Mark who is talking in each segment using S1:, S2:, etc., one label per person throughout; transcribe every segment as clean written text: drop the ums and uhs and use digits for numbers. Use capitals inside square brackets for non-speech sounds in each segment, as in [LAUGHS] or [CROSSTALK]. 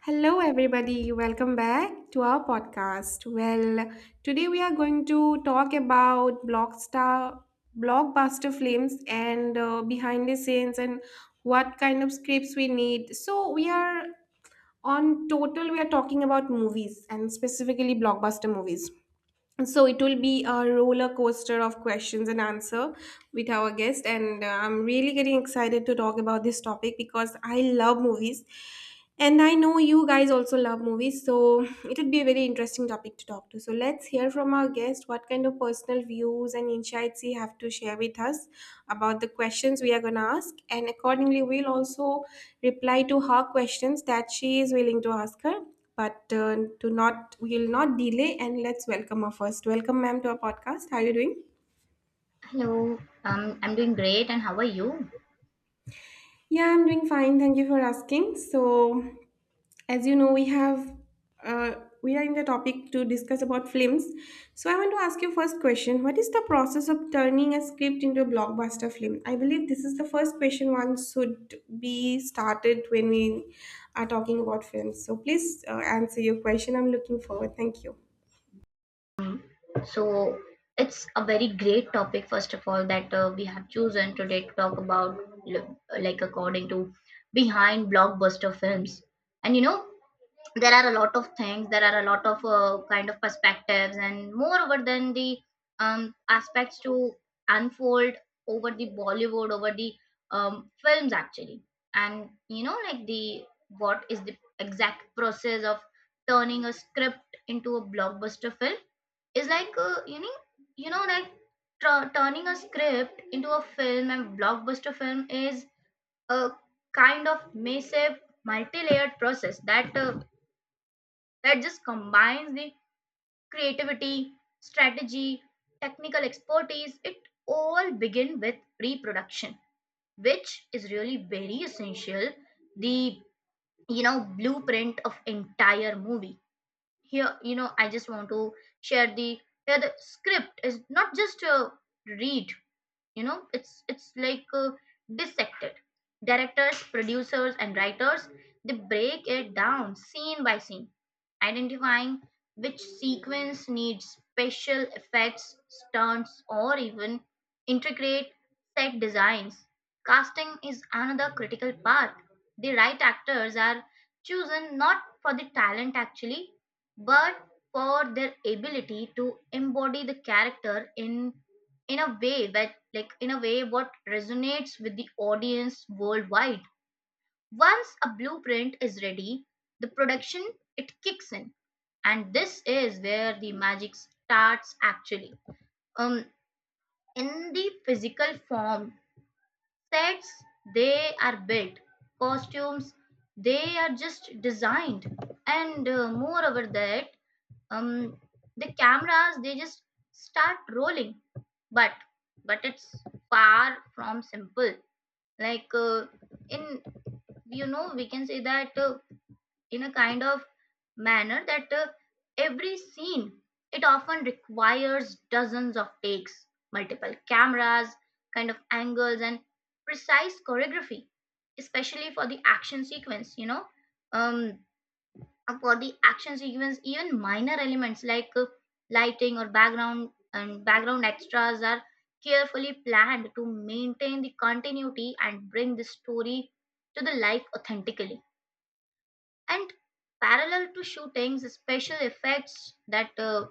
S1: Hello, everybody. Welcome back to our podcast. Today we are going to talk about blockbuster films and behind the scenes and what kind of scripts we need. So, we are talking about movies and specifically blockbuster movies, so it will be a roller coaster of questions and answer with our guest. And I'm really getting excited to talk about this topic because I love movies, and I know you guys also love movies, so it would be a very interesting topic to talk to. So let's hear from our guest what kind of personal views and insights he have to share with us about the questions we are going to ask, and accordingly we'll also reply to her questions that she is willing to ask her. But to not, we'll not delay, and let's welcome her first. Welcome, ma'am, to our podcast. How are you doing?
S2: Hello, I'm doing great, and how are you?
S1: Yeah, I'm doing fine. Thank you for asking. So, as you know, we have uh, we are in the topic to discuss about films. So, I want to ask you first question. What is the process of turning a script into a blockbuster film? I believe this is the first question one should be started when we are talking about films. So, please answer your question. I'm looking forward. Thank you.
S2: Um, so, it's a very great topic, first of all, that we have chosen today to talk about, like, according to behind blockbuster films. And you know, there are a lot of kind of perspectives and moreover than the aspects to unfold over the films actually. And you know, like, the what is the exact process of turning a script into a blockbuster film is like, you know like turning a script into a film and blockbuster film is a kind of massive multi-layered process that just combines the creativity, strategy, technical expertise. It all begin with reproduction, which is really very essential. The, you know, blueprint of entire movie. Here, you know, I just want to share the here the script is not just a read, you know, it's like dissected. Directors, producers and writers, they break it down scene by scene, identifying which sequence needs special effects, stunts, or even intricate set designs. Casting is another critical part. The right actors are chosen not for the talent actually, but for their ability to embody the character in a way that like in a way what resonates with the audience worldwide. Once a blueprint is ready, the production, it kicks in, and this is where the magic starts actually. um in the physical form, sets, they are built, costumes, they are just designed, and moreover that, um the cameras, they just start rolling. But but it's far from simple, like, in you know, we can say that, in a kind of manner that, every scene, it often requires dozens of takes, multiple cameras, kind of angles, and precise choreography, especially for the action sequence, you know. um for the action sequence, even minor elements like lighting or background, and background extras are carefully planned to maintain the continuity and bring the story to the life authentically. And parallel to shootings, special effects, that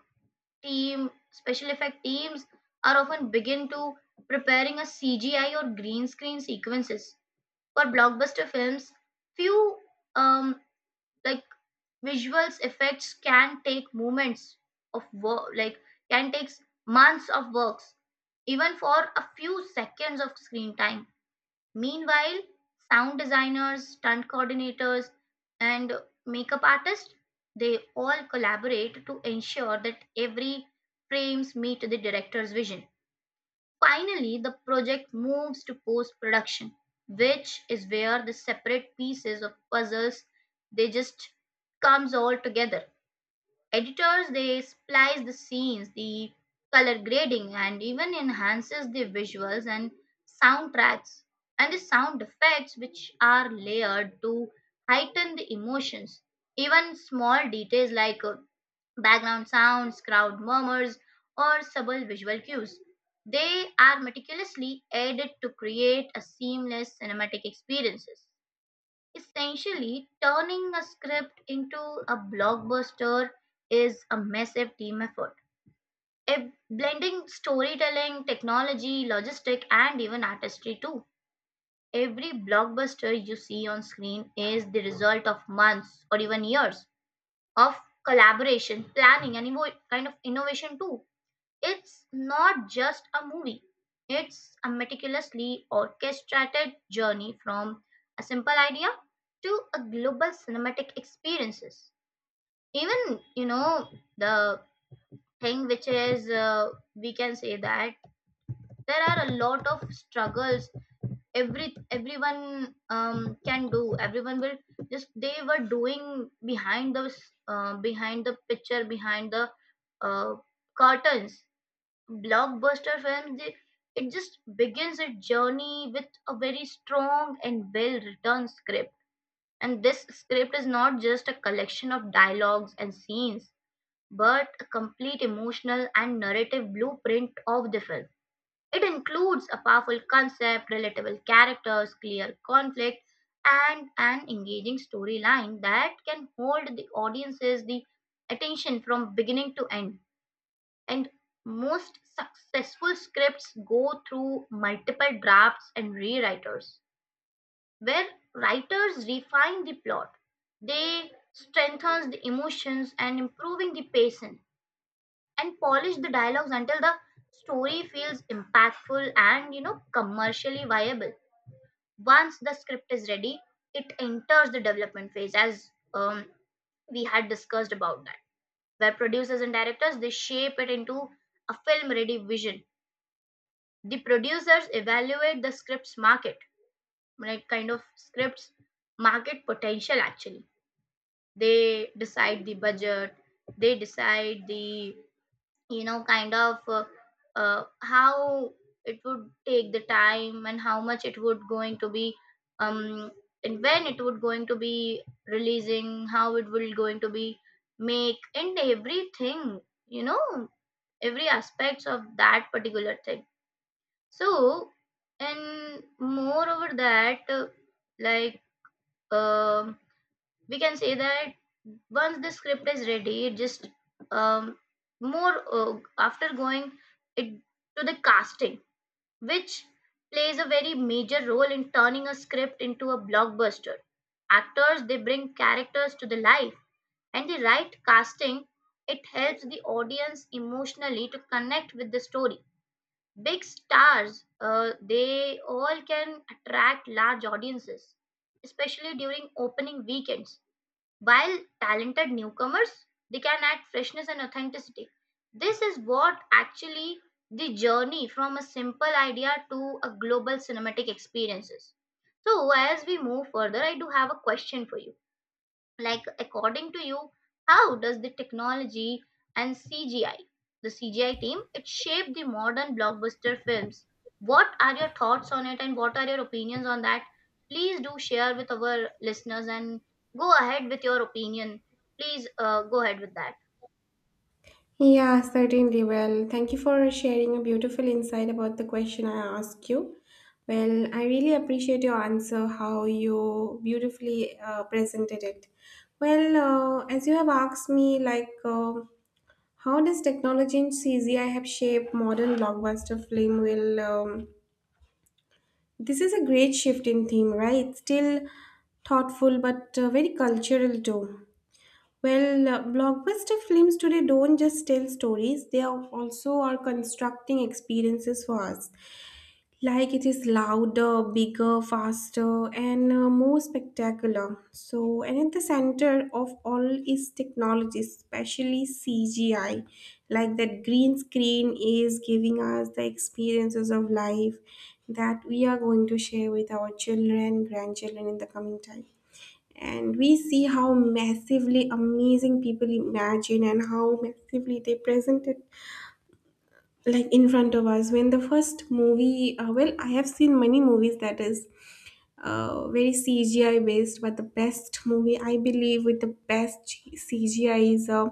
S2: team special effect teams are often begin to preparing a CGI or green screen sequences for blockbuster films. Few, um, like visuals effects can take moments of work, like can take months of works, even for a few seconds of screen time. Meanwhile, sound designers, stunt coordinators, and makeup artists, they all collaborate to ensure that every frames meet the director's vision. Finally, the project moves to post production, which is where the separate pieces of puzzles, they just comes all together. Editors, they splice the scenes, the color grading, and even enhances the visuals and soundtracks, and the sound effects which are layered to heighten the emotions. Even small details like background sounds, crowd murmurs, or subtle visual cues. They are meticulously added to create a seamless cinematic experience, essentially turning a script into a blockbuster is a massive team effort. A blending storytelling, technology, logistic, and even artistry too. Every blockbuster you see on screen is the result of months or even years of collaboration, planning, and kind of innovation too. It's not just a movie, it's a meticulously orchestrated journey from a simple idea to a global cinematic experiences. Even, you know, the thing which is, we can say that there are a lot of struggles. Everyone, can do, everyone will just they were doing behind the, uh, behind the picture behind the uh, curtains. Blockbuster films, they, it just begins a journey with a very strong and well written script, and this script is not just a collection of dialogues and scenes, but a complete emotional and narrative blueprint of the film. It includes a powerful concept, relatable characters, clear conflict, and an engaging storyline that can hold the audience's the attention from beginning to end. And most successful scripts go through multiple drafts and rewriters, where writers refine the plot. They strengthen the emotions and improving the pacing and polish the dialogues until the story feels impactful and, you know, commercially viable. Once the script is ready, it enters the development phase, as we had discussed about that, where producers and directors, they shape it into a film ready vision. The producers evaluate the script's market, like kind of scripts market potential actually. They decide the budget, they decide the, you know, kind of, how it would take the time and how much it would going to be, um and when it would going to be releasing, how it will going to be make and everything, you know, every aspects of that particular thing. So, and moreover that, like um we can say that once the script is ready, it just, um, more after going it to the casting, which plays a very major role in turning a script into a blockbuster. Actors, they bring characters to the life, and the right casting, it helps the audience emotionally to connect with the story. Big stars, they all can attract large audiences, especially during opening weekends, while talented newcomers, they can add freshness and authenticity. This is what actually the journey from a simple idea to a global cinematic experiences. So as we move further, I do have a question for you. Like, according to you, how does the technology and CGI, the CGI team, it shape the modern blockbuster films? What are your thoughts on it and what are your opinions on that? Please do share with our listeners and go ahead with your opinion. Please, go ahead with that.
S1: Yeah, certainly. Well, thank you for sharing a beautiful insight about the question I asked you. Well, I really appreciate your answer, how you beautifully presented it. Well, as you have asked me, how does technology and CGI have shaped modern blockbuster film? Will This is a great shift in theme, right? Still thoughtful, but very cultural too. Well, blockbuster films today don't just tell stories, they are also are constructing experiences for us. Like it is louder, bigger, faster, and more spectacular. So, and at the center of all is technology, especially CGI. Like that green screen is giving us the experiences of life that we are going to share with our children, grandchildren in the coming time, and we see how massively amazing people imagine and how massively they present it like in front of us. When the first movie well, I have seen many movies that is very CGI based, but the best movie I believe with the best CGI is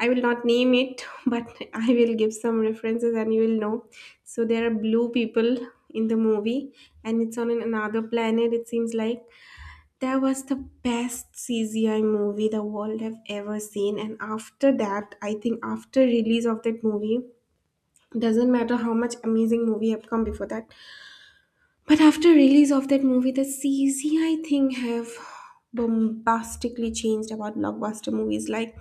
S1: I will not name it [LAUGHS] but I will give some references and you will know. So there are blue people in the movie, and it's on another planet, it seems like. That was the best CGI movie the world have ever seen. And after that, I think, after release of that movie, doesn't matter how much amazing movie have come before that. But after release of that movie, the CGI thing have bombastically changed about blockbuster movies. Like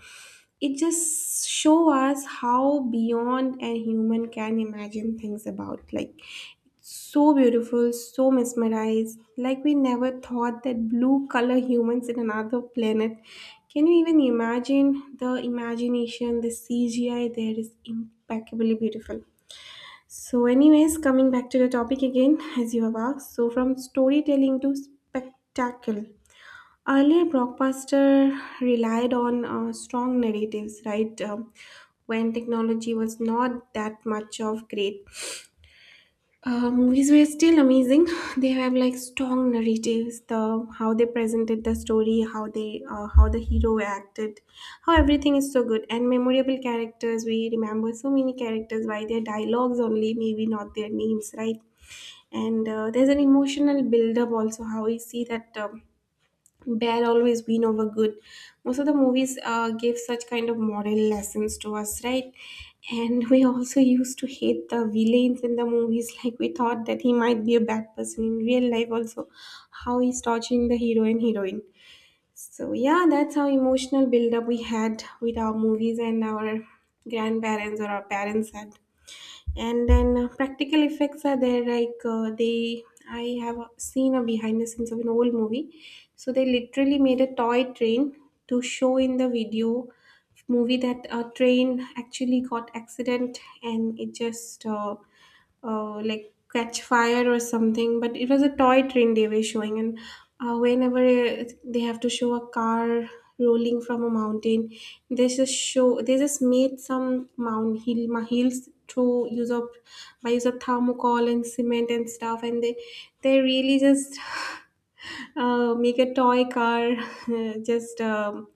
S1: it just show us how beyond a human can imagine things about. Like so beautiful, so mesmerized, like we never thought that blue color humans in another planet. Can you even imagine the imagination, the CGI there is impeccably beautiful. So, anyways, coming back to the topic again, as you have asked, so from storytelling to spectacle. Earlier blockbuster relied on strong narratives, right? When technology was not that much of great, movies were still amazing. [LAUGHS] [SIGHS] They have like strong narratives, the how they presented the story, how they how the hero acted, how everything is so good and memorable characters. We remember so many characters by their dialogues only, maybe not their names, right? And there's an emotional build up also. How we see that. Bad always win over good most of the movies. Give such kind of moral lessons to us, right? And we also used to hate the villains in the movies, like we thought that he might be a bad person in real life also, how he's torturing the hero and heroine. So yeah, that's how emotional build up we had with our movies, and our grandparents or our parents had. And then practical effects are there, like they I have seen a behind the scenes of an old movie. So they literally made a toy train to show in the video movie that a train actually got accident and it just like catch fire or something, but it was a toy train they were showing. And whenever they have to show a car rolling from a mountain, they just made some mound hills through use of, by use of thermocol and cement and stuff, and they really just make a toy car [LAUGHS] just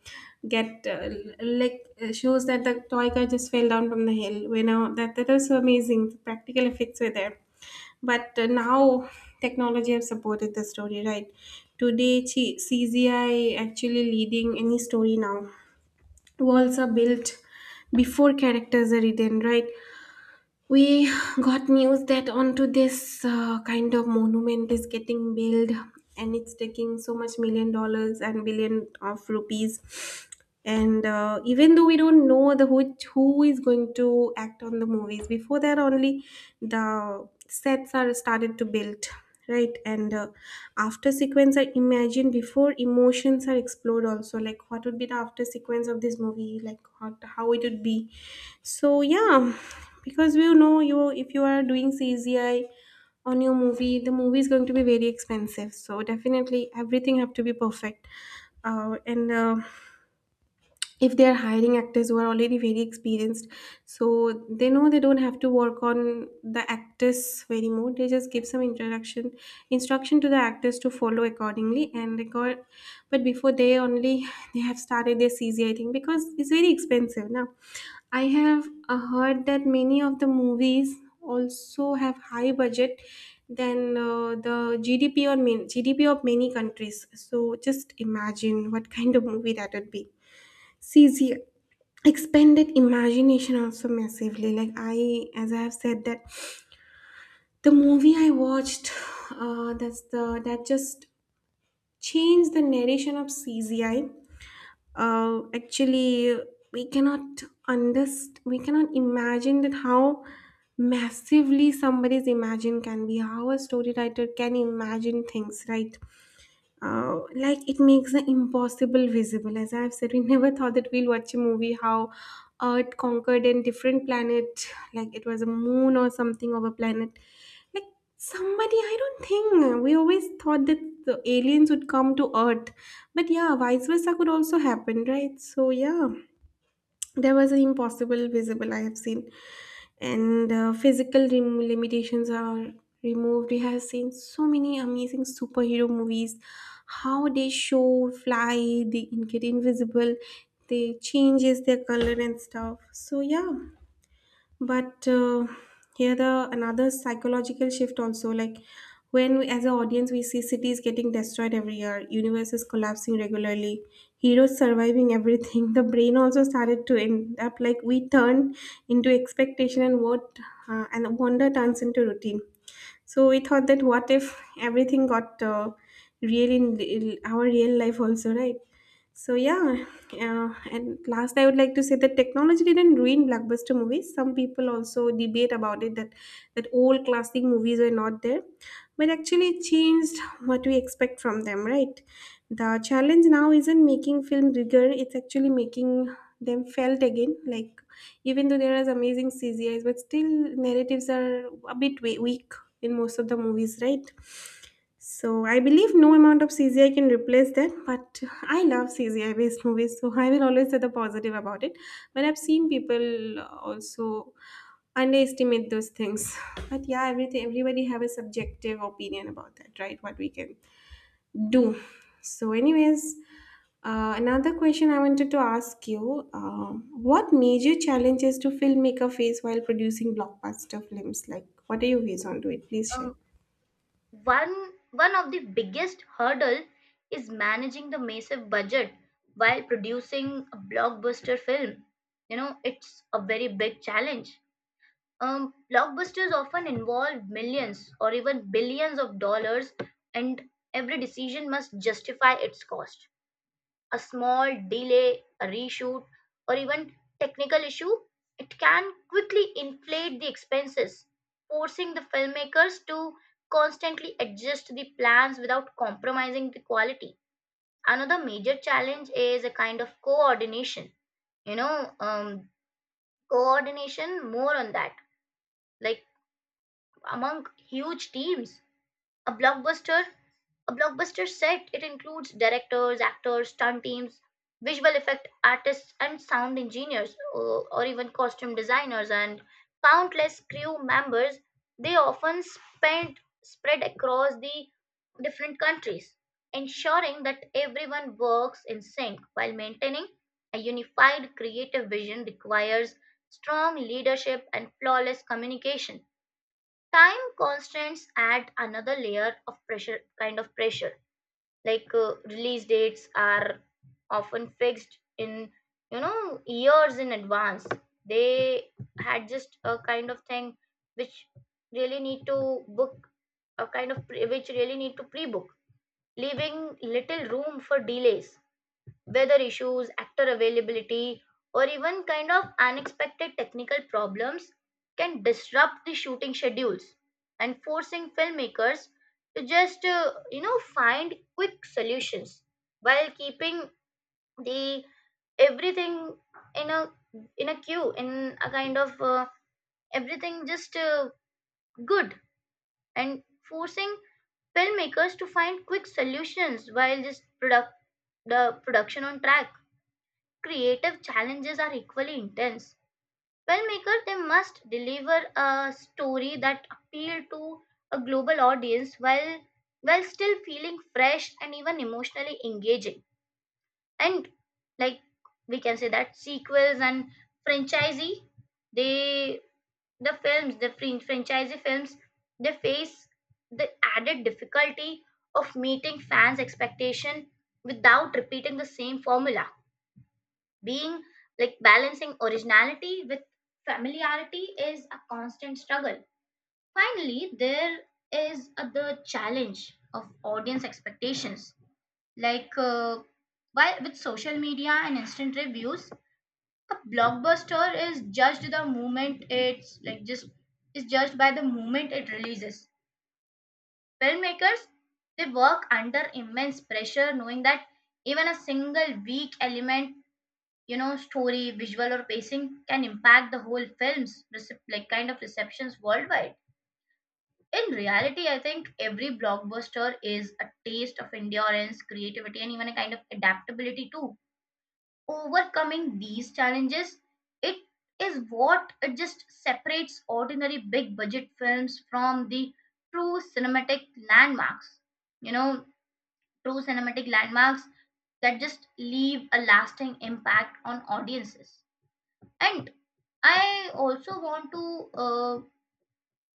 S1: get l- like shows that the toy car just fell down from the hill, you know. That was so amazing, the practical effects were there. But now technology have supported the story, right? Today CGI actually leading any story now. Worlds are built before characters are written, right? We got news that onto this kind of monument is getting built, and it's taking so much million dollars and billion of rupees. And even though we don't know who is going to act on the movies, before that only the sets are started to build, right? And after sequence I imagine before emotions are explored also, like what would be the after sequence of this movie, how it would be. So yeah, because you know, you if you are doing CGI on your movie, the movie is going to be very expensive, so definitely everything have to be perfect. And If they are hiring actors who are already very experienced, so they know they don't have to work on the actors very more, they just give some introduction instruction to the actors to follow accordingly and record. But before they only [LAUGHS] they have started their CGI thing because it's very expensive. Now I have heard that many of the movies also have high budget than the GDP of many countries. So just imagine what kind of movie that would be. See, expanded imagination also massively. As I have said, that the movie I watched, that just changed the narration of CZI. Actually, we cannot imagine that how massively somebody's imagine can be, how a story writer can imagine things, right? Like it makes the impossible visible. As I've said, we [LAUGHS] never thought that we'll watch a movie how earth conquered a different planet, like it was a moon or something of a planet. Like somebody, I don't think we always thought that the aliens would come to earth, but yeah, vice versa could also happen, right? So yeah, there was an impossible visible I have seen. And physical limitations are removed. We have seen so many amazing superhero movies, how they show fly, they get invisible, they changes their color and stuff. So yeah, but here the another psychological shift also, like when as an audience, we see cities getting destroyed every year, universes collapsing regularly, heroes surviving everything. [LAUGHS] The brain also started to end up like we turn into expectation, and what and wonder turns into routine. So we thought that what if everything got real in our real life also, right? So yeah, and last I would like to say that technology didn't ruin blockbuster movies. Some people also debate about it that old classic movies were not there, but actually it changed what we expect from them, right? The challenge now isn't making film bigger; it's actually making them felt again. Like even though there is amazing CGIs, but still narratives are a bit weak in most of the movies, right? So I believe no amount of CGI can replace that, but I love CGI based movies, so I will always say the positive about it. But I've seen people also underestimate those things. But yeah, everything everybody have a subjective opinion about that, right? What we can do. So, anyways, another question I wanted to ask you: what major challenges do filmmaker face while producing blockbuster films? Like, what are your views on to it? Please share.
S2: Um, one one of the biggest hurdle is managing the massive budget while producing a blockbuster film. You know, it's a very big challenge. Blockbusters often involve millions or even billions of dollars, and every decision must justify its cost. A small delay, a reshoot, or even technical issue, it can quickly inflate the expenses, forcing the filmmakers to constantly adjust the plans without compromising the quality. Another major challenge is a kind of coordination. You know, coordination, more on that. Like, among huge teams. A blockbuster, a blockbuster set, it includes directors, actors, stunt teams, visual effect artists, and sound engineers, or even costume designers, and countless crew members. They often spend spread across the different countries, ensuring that everyone works in sync while maintaining a unified creative vision requires strong leadership and flawless communication. Time constraints add another layer of pressure, kind of pressure, like, release dates are often fixed in, you know, years in advance. They had just a kind of thing which really need to book a kind of pre- which really need to pre-book, leaving little room for delays. Weather issues, actor availability, or even kind of unexpected technical problems can disrupt the shooting schedules and forcing filmmakers to just, you know, find quick solutions while keeping the everything in a, in a queue in a kind of everything just good and forcing filmmakers to find quick solutions while just product the production on track. Creative challenges are equally intense. Filmmakers, they must deliver a story that appeal to a global audience while still feeling fresh and even emotionally engaging. And, like, we can say that sequels and franchisee, they, the films the fran- franchisee films, they face the added difficulty of meeting fans expectation without repeating the same formula. Being, like, balancing originality with familiarity is a constant struggle. Finally, there is a, the challenge of audience expectations, like, why with social media and instant reviews, a blockbuster is judged the moment it's like just is judged by the moment it releases. Filmmakers, they work under immense pressure knowing that even a single weak element, you know, story, visual or pacing, can impact the whole film's kind of receptions worldwide. In reality, I think every blockbuster is a taste of endurance, creativity, and even a kind of adaptability too. Overcoming these challenges, it is what it just separates ordinary big budget films from the true cinematic landmarks. You know, true cinematic landmarks that just leave a lasting impact on audiences. And I also want to, uh,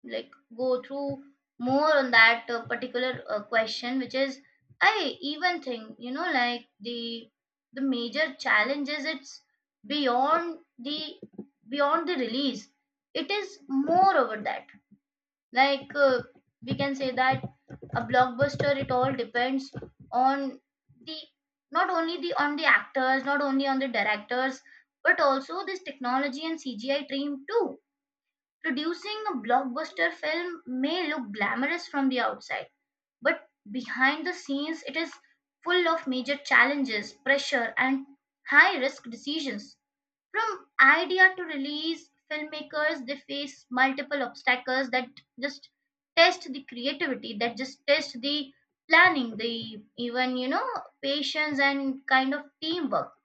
S2: like go through more on that, particular, question, which is, I even think, you know, like, the major challenge is, it's beyond the beyond the release. It is more over that. Like, we can say that a blockbuster, it all depends on the, not only the on the actors, not only on the directors, but also this technology and CGI team too. Producing a blockbuster film may look glamorous from the outside, but behind the scenes it is full of major challenges, pressure, and high risk decisions. From idea to release, filmmakers, they face multiple obstacles that just test the creativity, that just test the planning, the, even, you know, patience and kind of teamwork.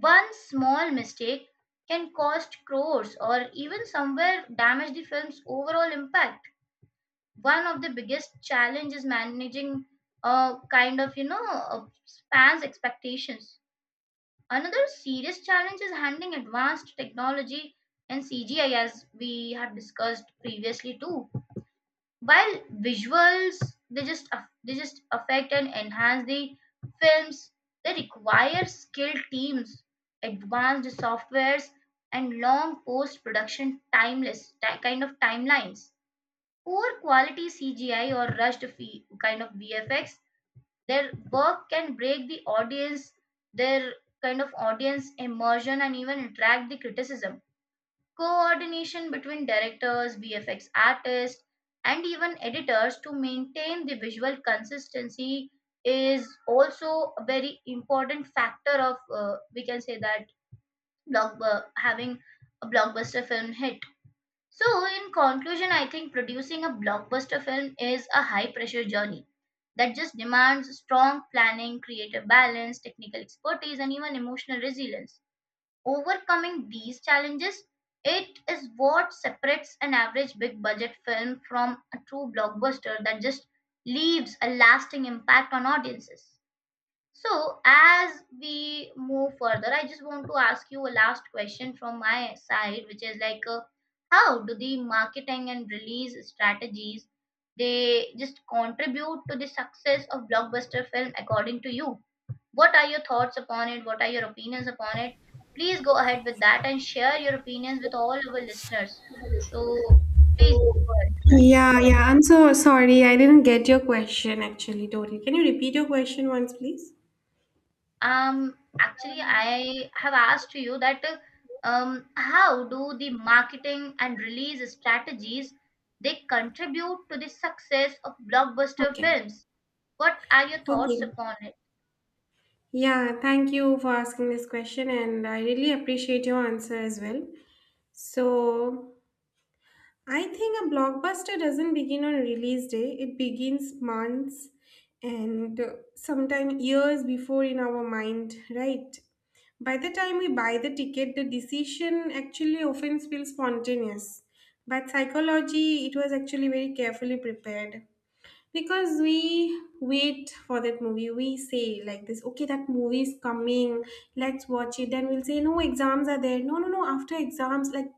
S2: One small mistake can cost crores or even somewhere damage the film's overall impact. One of the biggest challenges managing a kind of, you know, fans' expectations. Another serious challenge is handling advanced technology and CGI, as we have discussed previously too. While visuals, they just they just affect and enhance the films, they require skilled teams, advanced softwares, and long post-production kind of timelines. Poor quality CGI or rushed kind of VFX, their work can break the audience, their kind of audience immersion, and even attract the criticism. Coordination between directors, VFX artists, and even editors to maintain the visual consistency is also a very important factor of, we can say that, having a blockbuster film hit. So, in conclusion, I think producing a blockbuster film is a high pressure journey that just demands strong planning, creative balance, technical expertise, and even emotional resilience. Overcoming these challenges, it is what separates an average big budget film from a true blockbuster that just leaves a lasting impact on audiences. So, as we move further, I just want to ask you a last question from my side, which is like, how do the marketing and release strategies, they just contribute to the success of blockbuster film according to you? What are your thoughts upon it? What are your opinions upon it? Please go ahead with that and share your opinions with all our listeners. So, please go ahead.
S1: Yeah, yeah. I'm so sorry. I didn't get your question actually, Dori. Can you repeat your question once, please?
S2: Actually, I have asked you that, how do the marketing and release strategies, they contribute to the success of blockbuster
S1: Okay.
S2: films? What are your thoughts
S1: Okay.
S2: upon it?
S1: Yeah, thank you for asking this question, and I really appreciate your answer as well. So, I think a blockbuster doesn't begin on release day. It begins months and sometimes years before in our mind, right? By the time we buy the ticket, the decision actually often feels spontaneous. But psychology, it was actually very carefully prepared because we wait for that movie. We say like this, okay, that movie is coming, let's watch it. Then we'll say no, exams are there, no, after exams, like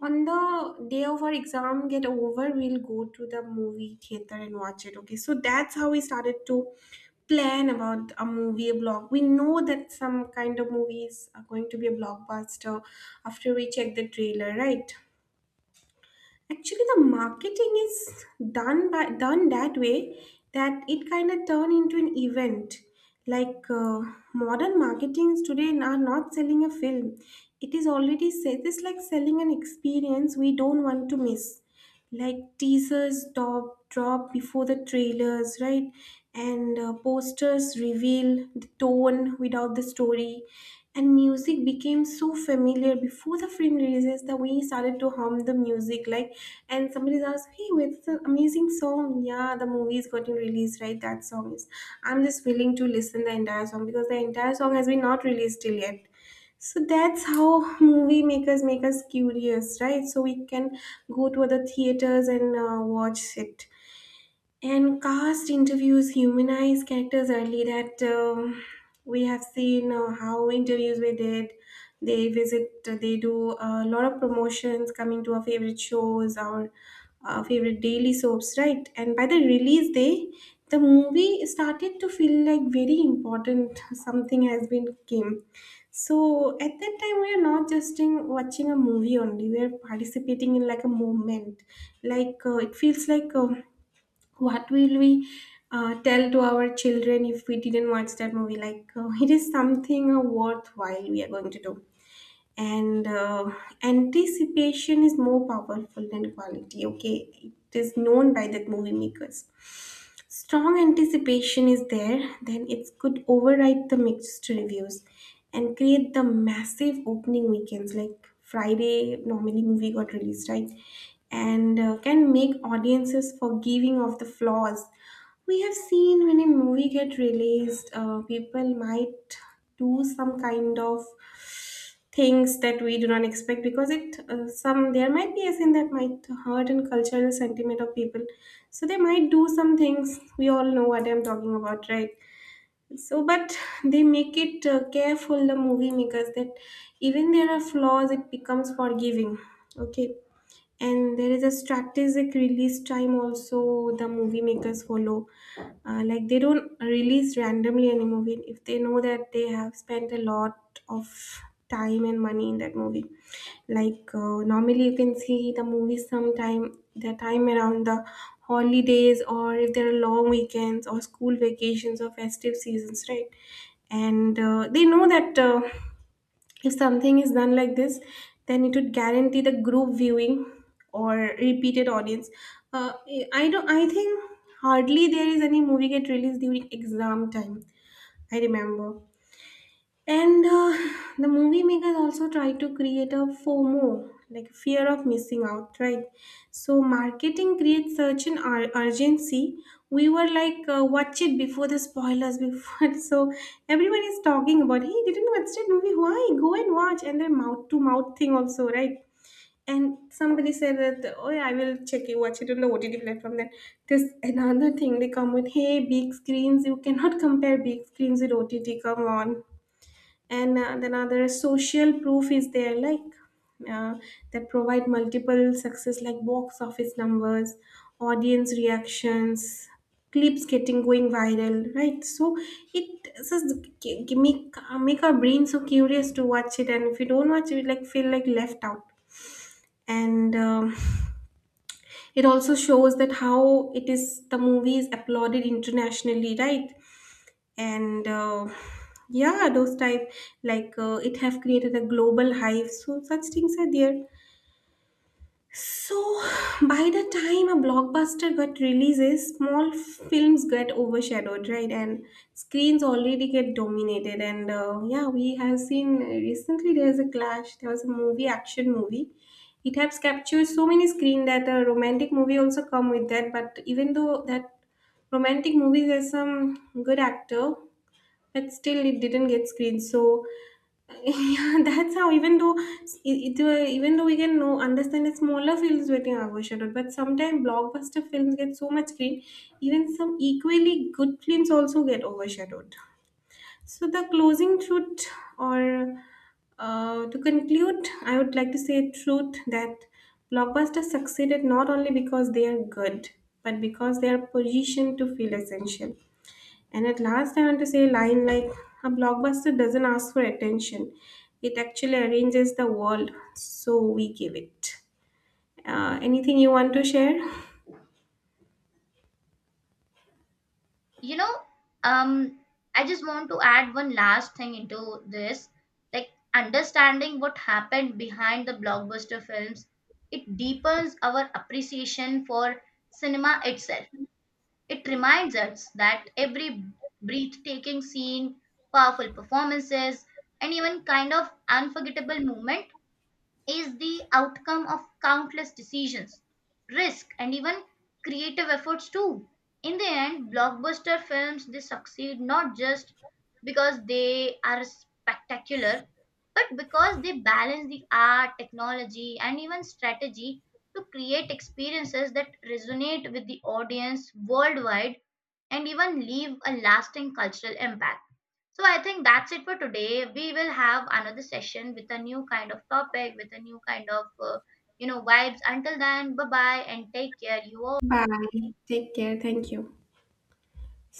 S1: on the day of our exam get over, we'll go to the movie theater and watch it. Okay, so that's how we started to plan about a movie. A block, we know that some kind of movies are going to be a blockbuster after we check the trailer, right? Actually, the marketing is done that way that it kind of turn into an event. Like uh, Modern marketings today are not selling a film; it is already said. It's like selling an experience we don't want to miss, like teasers top drop before the trailers, right? And posters reveal the tone without the story, and music became so familiar before the film releases that we started to hum the music, like, and somebody's asked, hey, it's an amazing song. Yeah, the movie is getting released, right? That song is, I'm just willing to listen the entire song because the entire song has been not released till yet. So that's how movie makers make us curious, right? So we can go to other theaters and watch it. And cast interviews humanize characters early. That We have seen how interviews we did. They visit. They do a lot of promotions coming to our favorite shows, our favorite daily soaps, right? And by the release day, the movie started to feel like very important. [LAUGHS] Something has been came. So at that time, we are not just in watching a movie only. We are participating in like a movement. It feels like, what will we tell to our children if we didn't watch that movie, like it is something worthwhile we are going to do. And Anticipation is more powerful than quality. Okay, it is known by that movie makers. Strong anticipation is there, then it could override the mixed reviews and create the massive opening weekends like Friday. Normally, movie got released, right, and can make audiences forgiving of the flaws. We have seen when a movie get released, people might do some kind of things that we do not expect because it some, there might be a sin that might hurt and cultural sentiment of people, so they might do some things. We all know what I'm talking about, right? So but they make it careful, the movie makers, that even there are flaws, it becomes forgiving. Okay. And there is a strategic release time also the movie makers follow. Like, they don't release randomly any movie if they know that they have spent a lot of time and money in that movie. Normally you can see the movies sometime, the time around the holidays, or if there are long weekends or school vacations or festive seasons, right? And they know that if something is done like this, then it would guarantee the group viewing or repeated audience. Uh, I don't I think hardly there is any movie get released during exam time, I remember. And the movie makers also try to create a FOMO, like fear of missing out, right? So marketing creates such an urgency. We were like, watch it before the spoilers, before. [LAUGHS] So everyone is talking about, hey, didn't watch that movie? Why? Go and watch. And the mouth to mouth thing also, right? And somebody said that, oh, yeah, I will check it, watch it on the OTT platform. Then there's another thing they come with, hey, big screens. You cannot [LAUGHS] compare big screens with OTT. Come on. And then other social proof is there, like uh, that provide multiple success, like box office numbers, audience reactions, clips getting going viral, right? So it just make make our brain so curious to watch it, and if you don't watch it, you like feel like left out. And it also shows that how it is, the movie is applauded internationally, right? And yeah, those type, like it have created a global hype, so such things are there. So by the time a blockbuster got releases, small films get overshadowed, right? And screens already get dominated. And yeah, we have seen recently there's a clash. There was a movie, action movie. It has captured so many screen that a romantic movie also come with that. But even though that romantic movies has some good actor, but still it didn't get screened. So [LAUGHS] yeah, that's how, even though it even though we can know, understand that smaller films getting overshadowed, but sometimes blockbuster films get so much screen, even some equally good films also get overshadowed. So the closing truth, or to conclude, I would like to say truth that blockbusters succeeded not only because they are good, but because they are positioned to feel essential. And at last, I want to say a line like, a blockbuster doesn't ask for attention, it actually arranges the world, so we give it. Anything you want to share?
S2: You know, um, I just want to add one last thing into this, like understanding what happened behind the blockbuster films. It deepens our appreciation for cinema itself. It reminds us that every breathtaking scene, powerful performances, and even kind of unforgettable moment is the outcome of countless decisions, risk, and even creative efforts too. In the end, blockbuster films, they succeed not just because they are spectacular, but because they balance the art, technology, and even strategy to create experiences that resonate with the audience worldwide and even leave a lasting cultural impact. So I think that's it for today. We will have another session with a new kind of topic, with a new kind of, you know, vibes. Until then, bye bye and take care. You all.
S1: Bye. Take care. Thank you.